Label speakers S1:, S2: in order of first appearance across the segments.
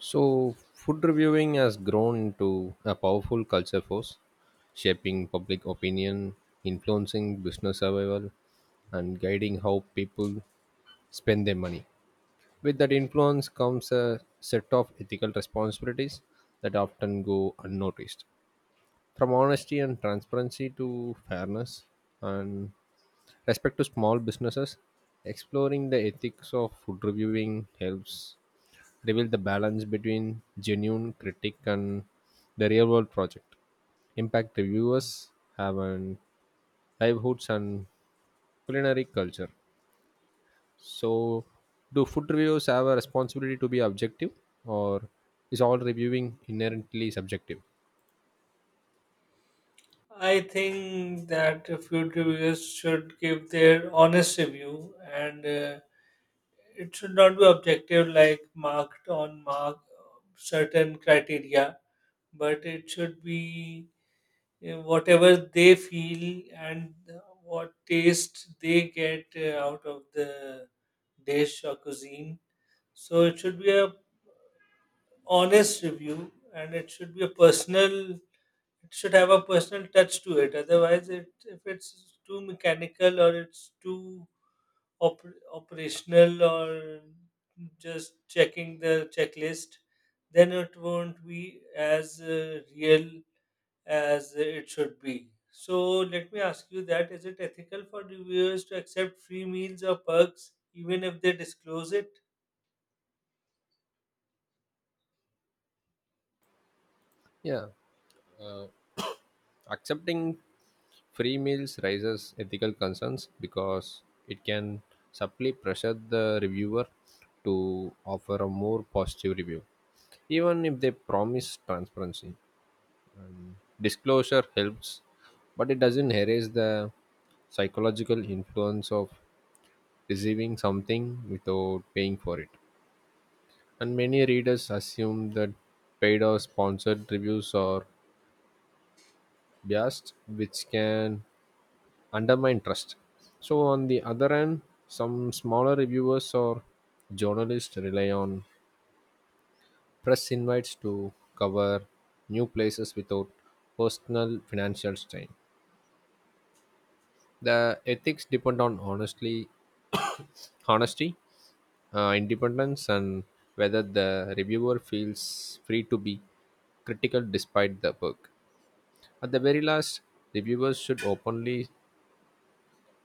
S1: So, food reviewing has grown into a powerful culture force, shaping public opinion, influencing business survival, and guiding how people spend their money. With that influence comes a set of ethical responsibilities that often go unnoticed. From honesty and transparency to fairness and respect to small businesses, exploring the ethics of food reviewing helps reveal the balance between genuine critique and the real world project. Impact reviewers have an livelihoods and culinary culture. So, do food reviewers have a responsibility to be objective, or is all reviewing inherently subjective?
S2: I think that food reviewers should give their honest review, and it should not be objective, like marked on mark certain criteria, but it should be whatever they feel and what taste they get out of the dish or cuisine. So it should be a honest review, and it should be a personal It should have a personal touch to it. Otherwise, it if it's too mechanical or it's too op- operational or just checking the checklist, then it won't be as real as it should be. So let me ask you that: is it ethical for reviewers to accept free meals or perks even if they disclose it?
S1: Yeah, accepting free meals raises ethical concerns because it can subtly pressure the reviewer to offer a more positive review, even if they promise transparency. Disclosure helps, but it doesn't erase the psychological influence of receiving something without paying for it. And many readers assume that paid or sponsored reviews are biased, which can undermine trust. So, on the other hand, some smaller reviewers or journalists rely on press invites to cover new places without personal financial strain. The ethics depend on honestly, honesty, independence, and whether the reviewer feels free to be critical despite the work. At the very last, reviewers should openly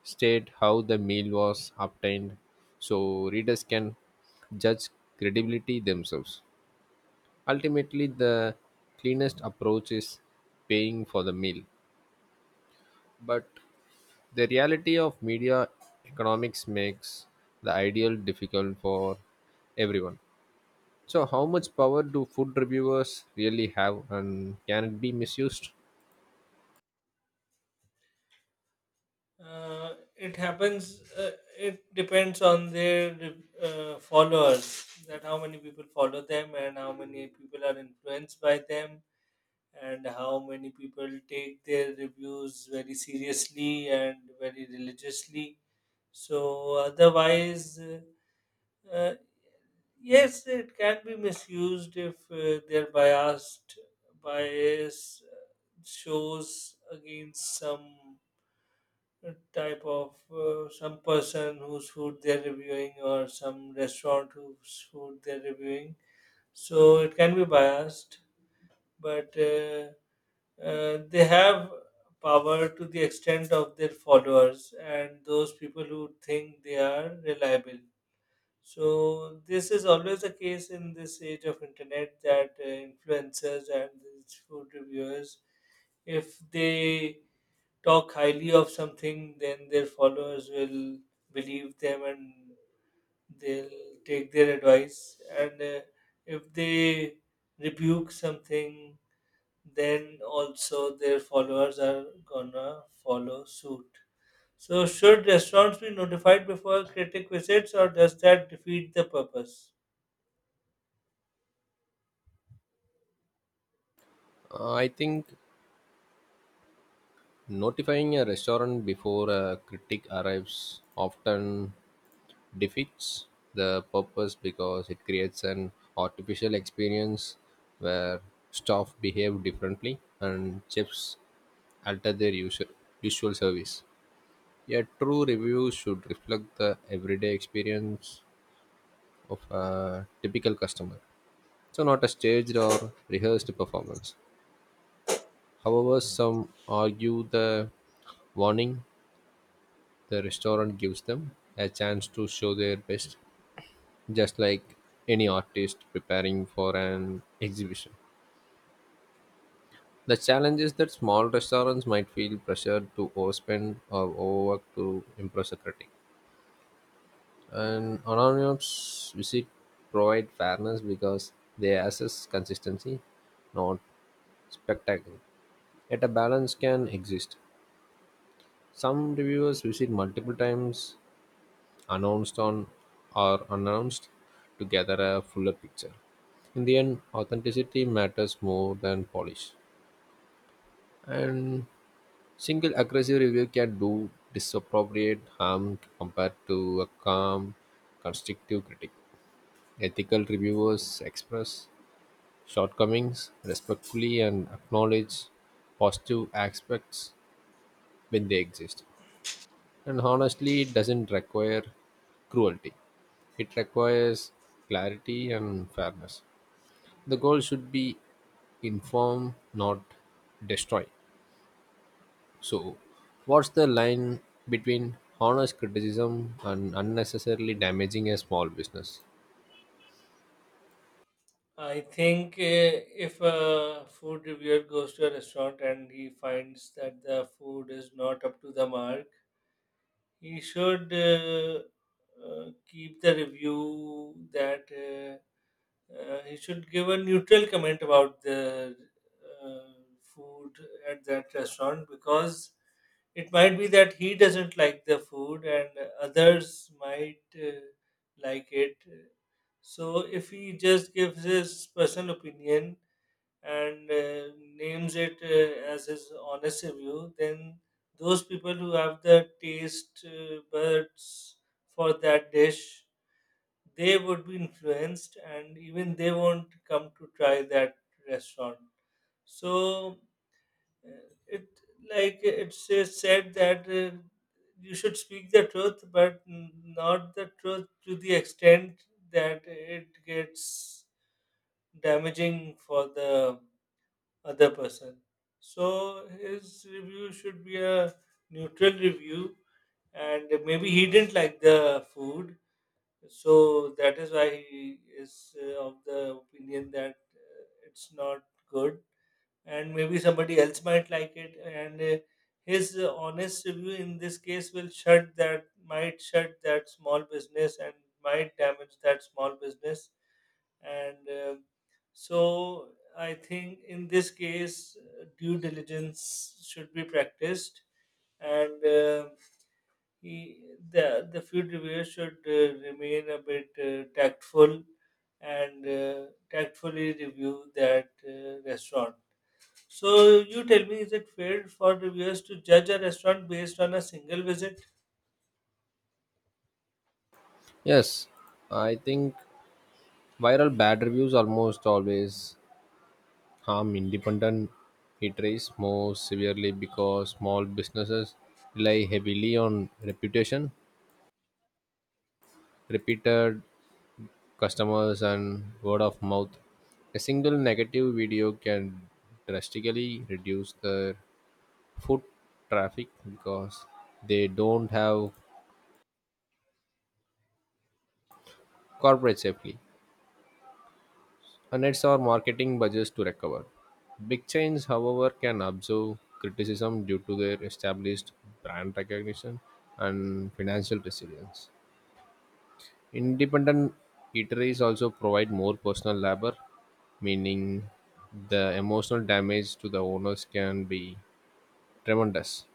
S1: state how the meal was obtained so readers can judge credibility themselves. Ultimately, the cleanest approach is paying for the meal, but the reality of media economics makes the ideal difficult for everyone. So, how much power do food reviewers really have and can it be misused?
S2: It happens. It depends on their followers. That how many people follow them, and how many people are influenced by them, and how many people take their reviews very seriously and very religiously. So otherwise, uh, yes, it can be misused if their bias shows against some type of some person whose food they're reviewing or some restaurant whose food they're reviewing. So it can be biased, but they have power to the extent of their followers and those people who think they are reliable. So this is always the case in this age of internet that influencers and these food reviewers, if they talk highly of something, then their followers will believe them and they'll take their advice. And if they rebuke something, then also their followers are gonna follow suit. So, should restaurants be notified before a critic visits, or does that defeat the purpose?
S1: I think notifying a restaurant before a critic arrives often defeats the purpose because it creates an artificial experience where staff behave differently and chefs alter their usual service. A true review should reflect the everyday experience of a typical customer, so not a staged or rehearsed performance. However, some argue the warning the restaurant gives them a chance to show their best, just like any artist preparing for an exhibition. The challenge is that small restaurants might feel pressured to overspend or overwork to impress a critic. And anonymous visit provide fairness because they assess consistency, not spectacle. Yet a balance can exist. Some reviewers visit multiple times, announced on or unannounced, to gather a fuller picture. In the end, authenticity matters more than polish. And single aggressive review can do disappropriate harm compared to a calm, constructive critic. Ethical reviewers express shortcomings respectfully and acknowledge positive aspects when they exist. And honestly, it doesn't require cruelty, it requires clarity and fairness. The goal should be inform, not destroy. So, what's the line between honest criticism and unnecessarily damaging a small business?
S2: I think if a food reviewer goes to a restaurant and he finds that the food is not up to the mark, he should keep the review that he should give a neutral comment about the uh, food at that restaurant because it might be that he doesn't like the food and others might like it. So if he just gives his personal opinion, and names it as his honest review, then those people who have the taste buds for that dish, they would be influenced and even they won't come to try that restaurant. So uh, it like it's said that you should speak the truth, but not the truth to the extent that it gets damaging for the other person. So his review should be a neutral review, and maybe he didn't like the food, so that is why he is of the opinion that it's not good. And maybe somebody else might like it, and his honest review in this case will shut that might shut that small business and might damage that small business and so I think in this case due diligence should be practiced and he, the food reviewer should remain a bit tactful and tactfully review that restaurant. So you tell me, is it fair for reviewers to judge a restaurant based on a single visit?
S1: Yes, I think viral bad reviews almost always harm independent eateries more severely because small businesses rely heavily on reputation, repeated customers, and word of mouth. A single negative video can drastically reduce their foot traffic because they don't have corporate safety and it's our marketing budgets to recover. Big chains, however, can absorb criticism due to their established brand recognition and financial resilience. Independent eateries also provide more personal labor, meaning the emotional damage to the owners can be tremendous.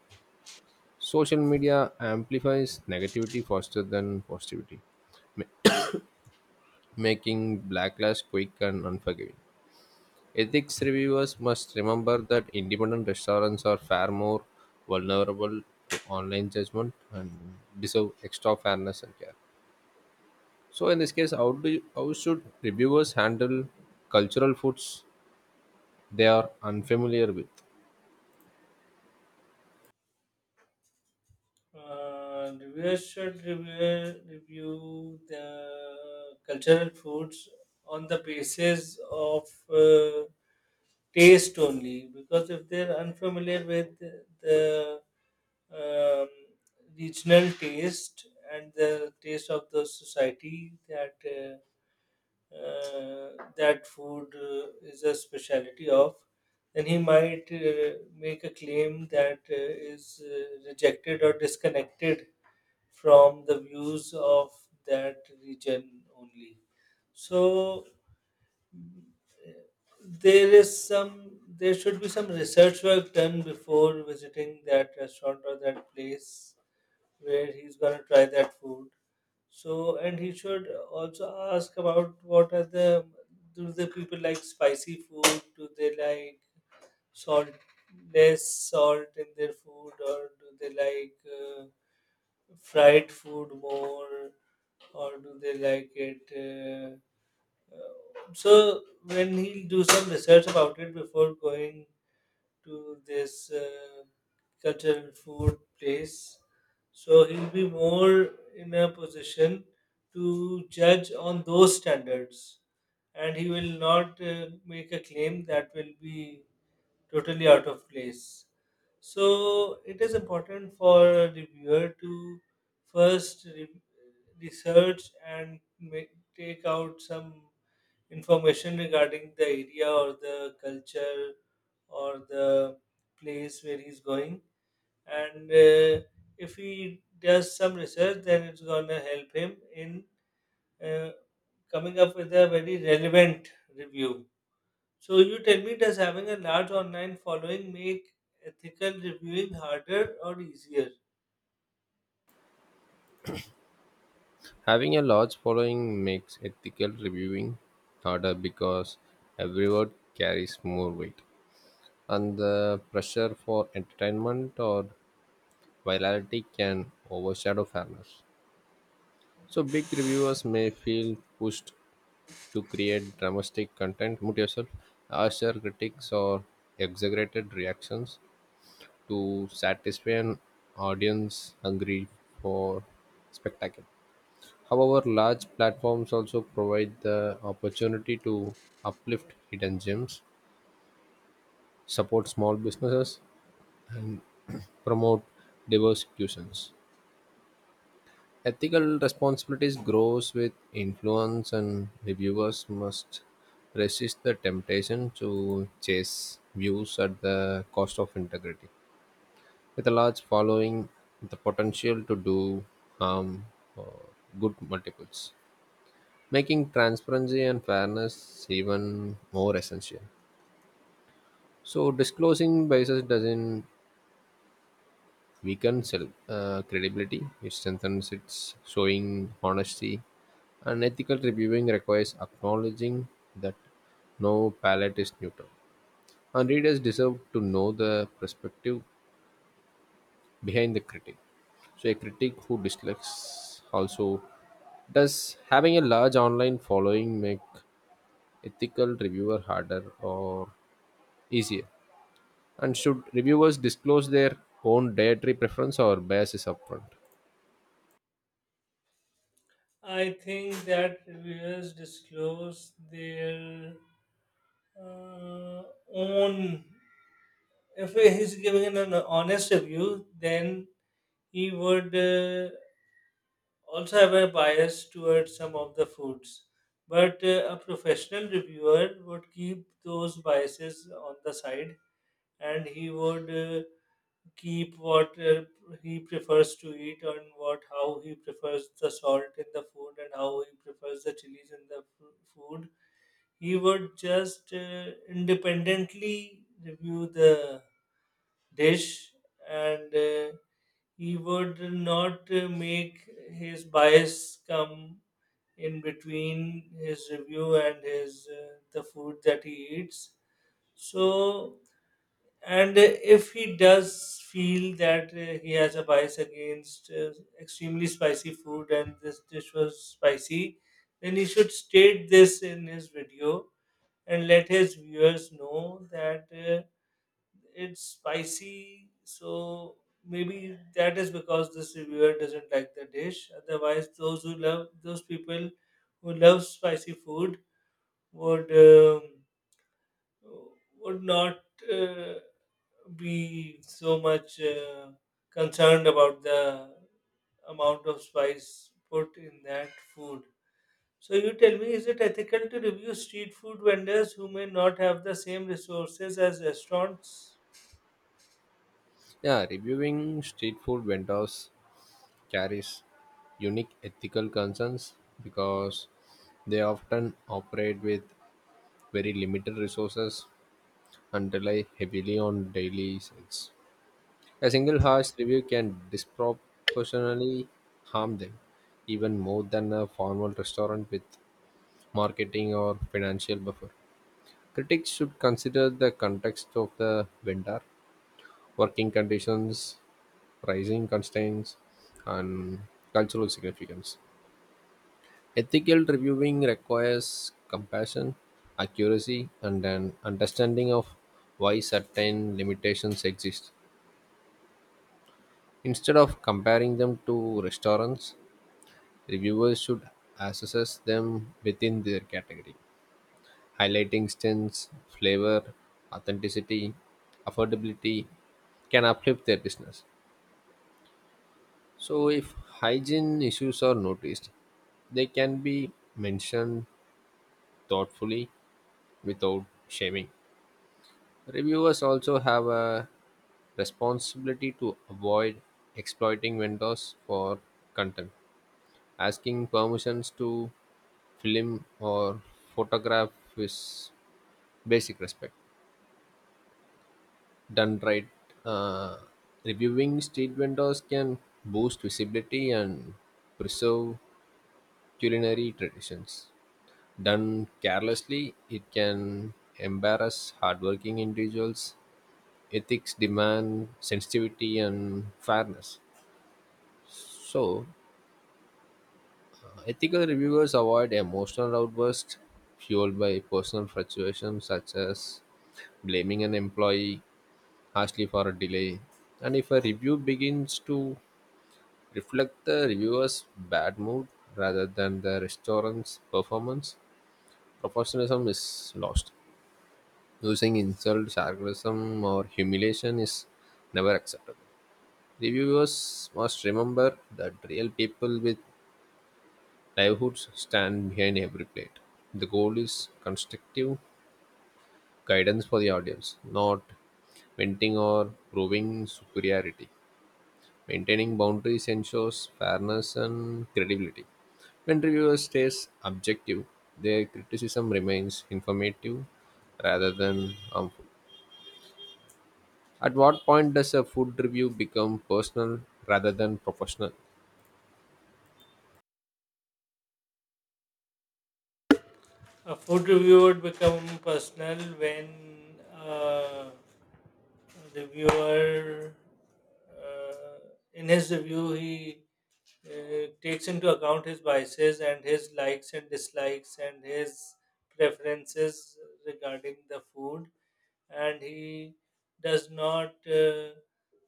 S1: Social media amplifies negativity faster than positivity, making backlash quick and unforgiving. Ethics reviewers must remember that independent restaurants are far more vulnerable to online judgment and deserve extra fairness and care. So, in this case, how should reviewers handle cultural foods they are unfamiliar with?
S2: Reviewers should review the cultural foods on the basis of uh, taste only, because if they're unfamiliar with the um, regional taste and the taste of the society that uh, that food is a specialty of, then he might make a claim that is rejected or disconnected from the views of that region only. So uh, there should be some research work done before visiting that restaurant or that place where he's going to try that food. So, and he should also ask about what are the do the people like spicy food? Do they like salt less salt in their food, or do they like uh, fried food more, or do they like it? So, when he'll do some research about it before going to this cultural food place. So he'll be more in a position to judge on those standards, and he will not make a claim that will be totally out of place. So it is important for a reviewer to first research and take out some information regarding the area or the culture or the place where he's going and if he does some research then it's going to help him in uh, coming up with a very relevant review. So you tell me, does having a large online following make ethical reviewing harder or easier?
S1: Having a large following makes ethical reviewing harder because every word carries more weight, and the pressure for entertainment or virality can overshadow fairness. So big reviewers may feel pushed to create dramatic content. Mute yourself. Harsher critics or exaggerated reactions to satisfy an audience hungry for spectacle. However, large platforms also provide the opportunity to uplift hidden gems, support small businesses, promote diverse cuisines. Ethical responsibilities grows with influence, and reviewers must resist the temptation to chase views at the cost of integrity. With a large following, the potential to do harm or good multiples, making transparency and fairness even more essential. So, disclosing biases doesn't weakens credibility, it strengthens its showing honesty. And ethical reviewing requires acknowledging that no palette is neutral. And readers deserve to know the perspective behind the critic. So a critic who dislikes also does having a large online following make ethical reviewer harder or easier? And should reviewers disclose their own dietary preference or biases upfront?
S2: I think that reviewers disclose their uh, own. If he's giving an honest review, then he would also have a bias towards some of the foods. But a professional reviewer would keep those biases on the side and he would keep what he prefers to eat and what how he prefers the salt in the food and how he prefers the chilies in the food. He would just independently review the dish and he would not make his bias come in between his review and his the food that he eats. So and if he does feel that he has a bias against extremely spicy food and this dish was spicy, then he should state this in his video and let his viewers know that it's spicy. So maybe that is because this reviewer doesn't like the dish. Otherwise, those people who love spicy food would um, would not. Uh, be so much concerned about the amount of spice put in that food. So, you tell me, is it ethical to review street food vendors who may not have the same resources as restaurants?
S1: Yeah, reviewing street food vendors carries unique ethical concerns because they often operate with very limited resources and rely heavily on daily sales. A single harsh review can disproportionately harm them, even more than a formal restaurant with marketing or financial buffer. Critics should consider the context of the vendor working conditions, pricing constraints, and cultural significance. Ethical reviewing requires compassion, accuracy, and an understanding of why certain limitations exist. Instead of comparing them to restaurants, reviewers should assess them within their category, highlighting strengths, flavor, authenticity, affordability can uplift their business. So, if hygiene issues are noticed, they can be mentioned thoughtfully without shaming. Reviewers also have a responsibility to avoid exploiting vendors for content. Asking permissions to film or photograph is basic respect. Done right, uh, reviewing street vendors can boost visibility and preserve culinary traditions. Done carelessly, it can embarrass hardworking individuals. Ethics demand sensitivity and fairness. So, ethical reviewers avoid emotional outbursts fueled by personal fluctuations such as blaming an employee harshly for a delay. And if a review begins to reflect the reviewer's bad mood rather than the restaurant's performance, professionalism is lost. Using insult, sarcasm, or humiliation is never acceptable. Reviewers must remember that real people with livelihoods stand behind every plate. The goal is constructive guidance for the audience, not venting or proving superiority. Maintaining boundaries ensures fairness and credibility. When reviewers stays objective, their criticism remains informative rather than harmful. At what point does a food review become personal rather than professional?
S2: A food review would become personal when a reviewer, uh, in his review, he takes into account his biases and his likes and dislikes and his preferences regarding the food and he does not uh,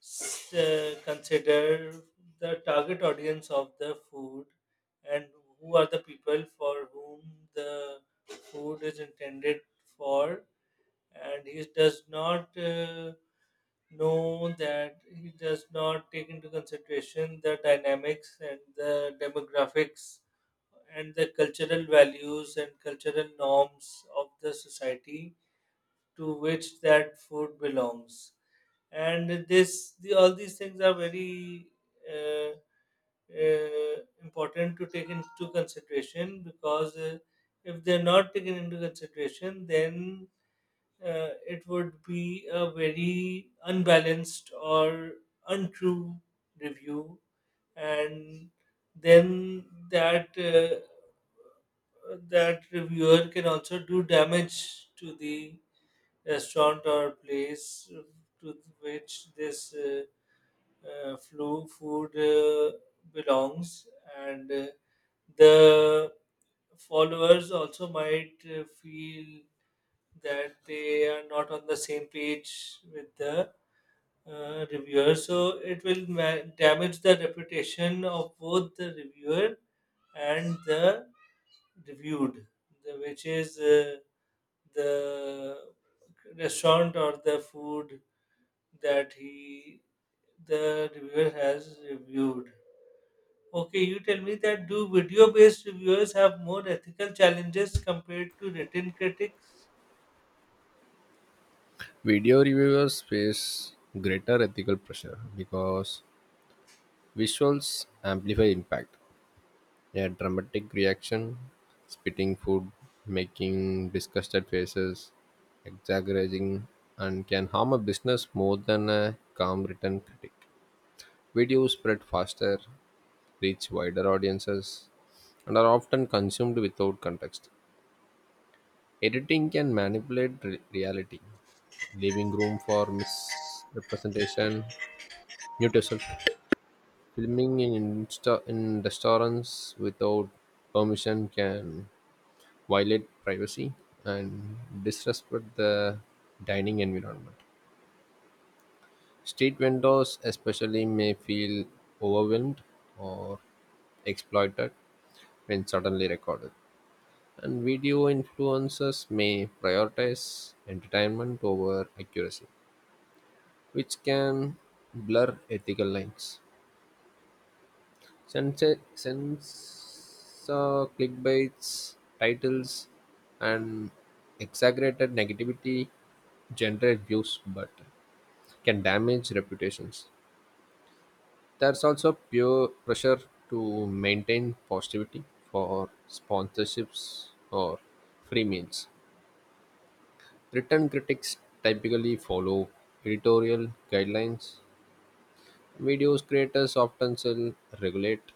S2: s- uh, consider the target audience of the food and who are the people for whom the food is intended for and he does not know that he does not take into consideration the dynamics and the demographics and the cultural values and cultural norms of the society to which that food belongs and all these things are very uh, uh, important to take into consideration because if they're not taken into consideration then it would be a very unbalanced or untrue review, and then that reviewer can also do damage to the restaurant or place to which this flu food belongs, and the followers also might feel that they are not on the same page with the reviewer. So it will damage the reputation of both the reviewer and the reviewed, which is the restaurant or the food that he the reviewer has reviewed. Okay, you tell me, that do video based reviewers have more ethical challenges compared to written critics?
S1: Video reviewers face greater ethical pressure because visuals amplify impact. A dramatic reaction, spitting food, making disgusted faces, exaggerating, and can harm a business more than a calm written critic. Videos spread faster, reach wider audiences, and are often consumed without context. Editing can manipulate reality, leaving room for misrepresentation. Mute yourself. Filming in restaurants without permission can violate privacy and disrespect the dining environment. Street vendors, especially, may feel overwhelmed or exploited when suddenly recorded. And video influencers may prioritize entertainment over accuracy, which can blur ethical lines. Since clickbaits, titles, and exaggerated negativity generate views but can damage reputations. There's also pure pressure to maintain positivity for sponsorships or free meals. Written critics typically follow editorial guidelines; video creators often self-regulate,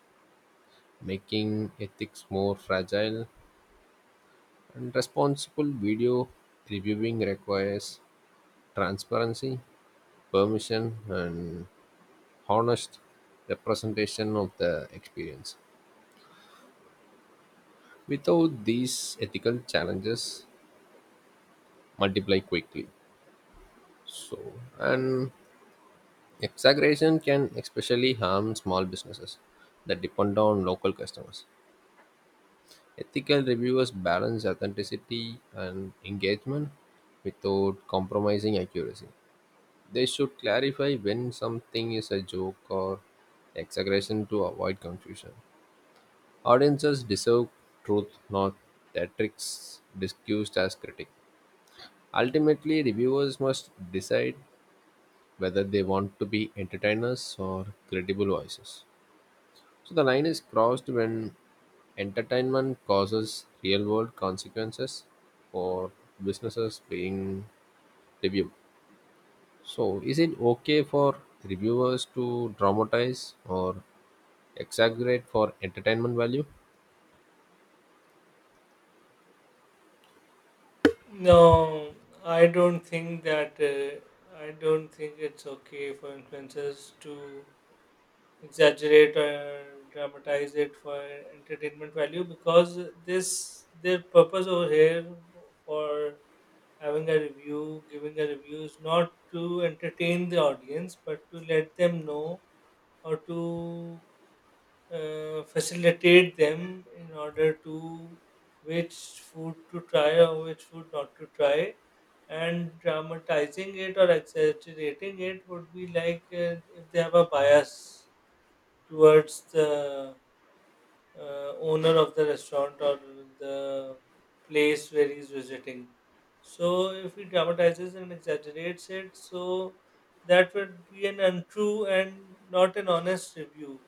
S1: making ethics more fragile. And responsible video reviewing requires transparency, permission, and honest representation of the experience. Without these ethical challenges multiply quickly. So and exaggeration can especially harm small businesses that depend on local customers. Ethical reviewers balance authenticity and engagement without compromising accuracy. They should clarify when something is a joke or exaggeration to avoid confusion. Audiences deserve truth, not theatrics disguised as critique. Ultimately, reviewers must decide whether they want to be entertainers or credible voices. So the line is crossed when entertainment causes real world consequences for businesses being reviewed. So is it okay for reviewers to dramatize or exaggerate for entertainment value?
S2: No, I don't think that. I don't think it's okay for influencers to exaggerate or dramatize it for entertainment value because this their purpose over here for giving a review is not to entertain the audience, but to let them know or to facilitate them in order to which food to try or which food not to try. And dramatizing it or exaggerating it would be like if they have a bias towards the owner of the restaurant or the place where he's visiting. So if he dramatizes and exaggerates it, so that would be an untrue and not an honest review.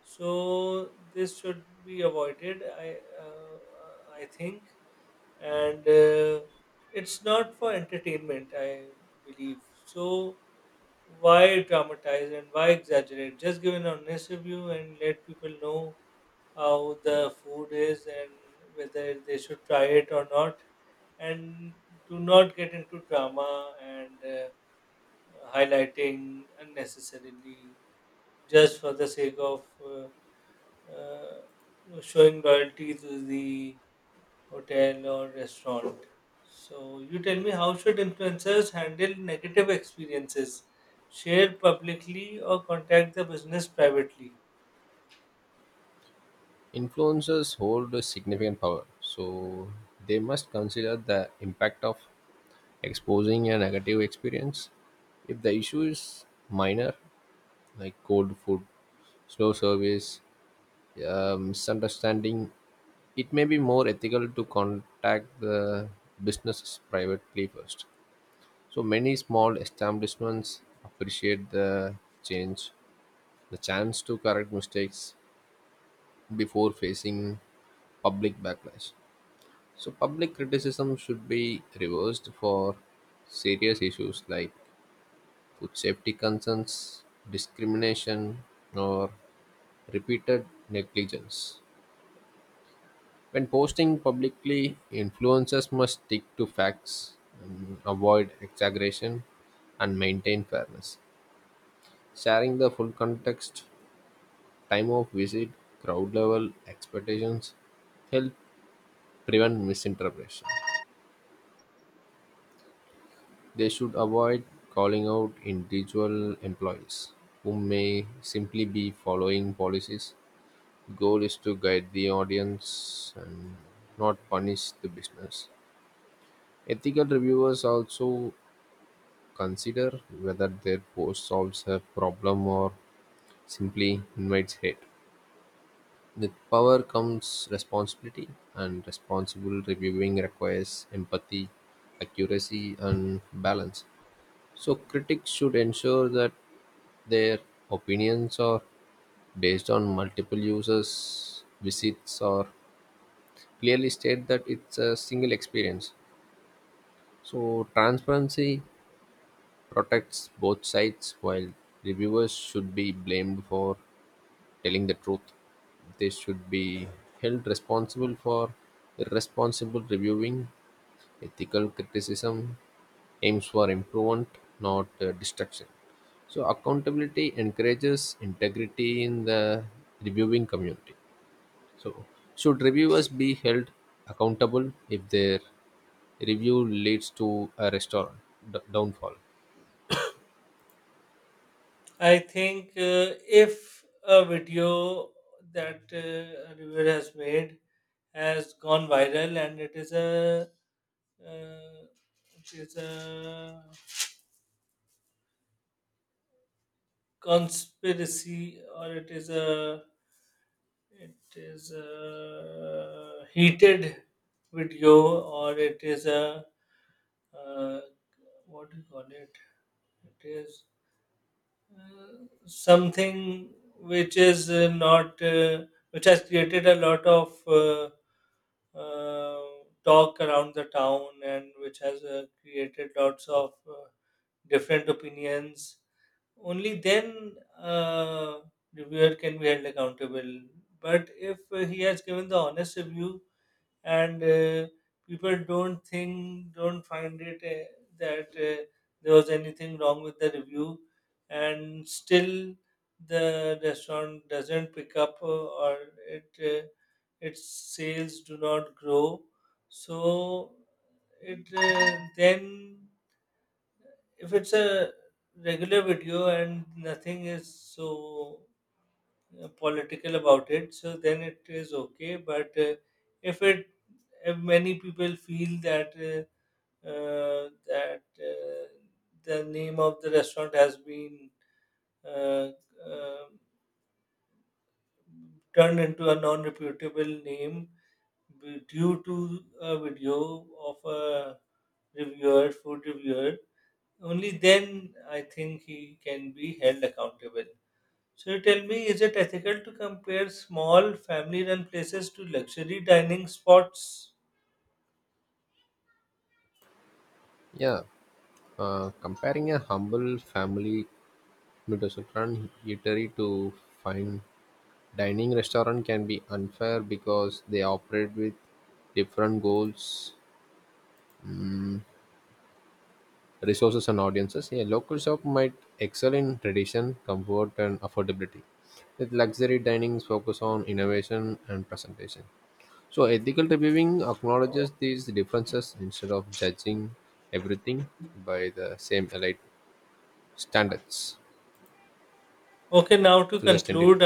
S2: So this should be avoided, I think. And it's not for entertainment, I believe. So why dramatize and why exaggerate? Just give an honest review and let people know how the food is and whether they should try it or not. And do not get into drama and highlighting unnecessarily just for the sake of uh, no, showing loyalty to the hotel or restaurant. So, you tell me, how should influencers handle negative experiences? Share publicly or contact the business privately?
S1: Influencers hold a significant power, so they must consider the impact of exposing a negative experience. If the issue is minor, like cold food, slow service, misunderstanding, it may be more ethical to contact the businesses privately first. So many small establishments appreciate the change, the chance to correct mistakes before facing public backlash. So public criticism should be reversed for serious issues like food safety concerns, discrimination, or repeated negligence. When posting publicly, influencers must stick to facts, avoid exaggeration, and maintain fairness. Sharing the full context, time of visit, crowd level, expectations help prevent misinterpretation. They should avoid calling out individual employees who may simply be following policies. Goal is to guide the audience and not punish the business. Ethical reviewers also consider whether their post solves a problem or simply invites hate. With power comes responsibility, and responsible reviewing requires empathy, accuracy, and balance. So, critics should ensure that their opinions are based on multiple users' visits or clearly state that it's a single experience. So, transparency protects both sides. While reviewers should be blamed for telling the truth, they should be held responsible for irresponsible reviewing. Ethical criticism aims for improvement, not destruction. So accountability encourages integrity in the reviewing community. So should reviewers be held accountable if their review leads to a restaurant downfall?
S2: I think if a video that a reviewer has made has gone viral and uh, it is a conspiracy or it is a heated video, or it is a uh, what do you call it? It is something which is not which has created a lot of uh, talk around the town, and which has created lots of different opinions. Only then reviewer can be held accountable. But if he has given the honest review and people don't think, don't find it that there was anything wrong with the review, and still the restaurant doesn't pick up or it its sales do not grow, so it then if it's a regular video and nothing is so political about it, so then it is okay. But if it if many people feel that uh, that uh, the name of the restaurant has been uh, uh, turned into a non-reputable name due to a video of a reviewer food reviewer, only then I think he can be held accountable. So you tell me, is it ethical to compare small family-run places to luxury dining spots?
S1: Yeah, comparing a humble family Midwestern eatery to fine dining restaurant can be unfair because they operate with different goals, resources, and audiences. A local shop might excel in tradition, comfort, and affordability, with luxury dinings focus on innovation and presentation. So, ethical reviewing acknowledges these differences instead of judging everything by the same elite standards.
S2: Okay, now to
S1: So, just end it.
S2: conclude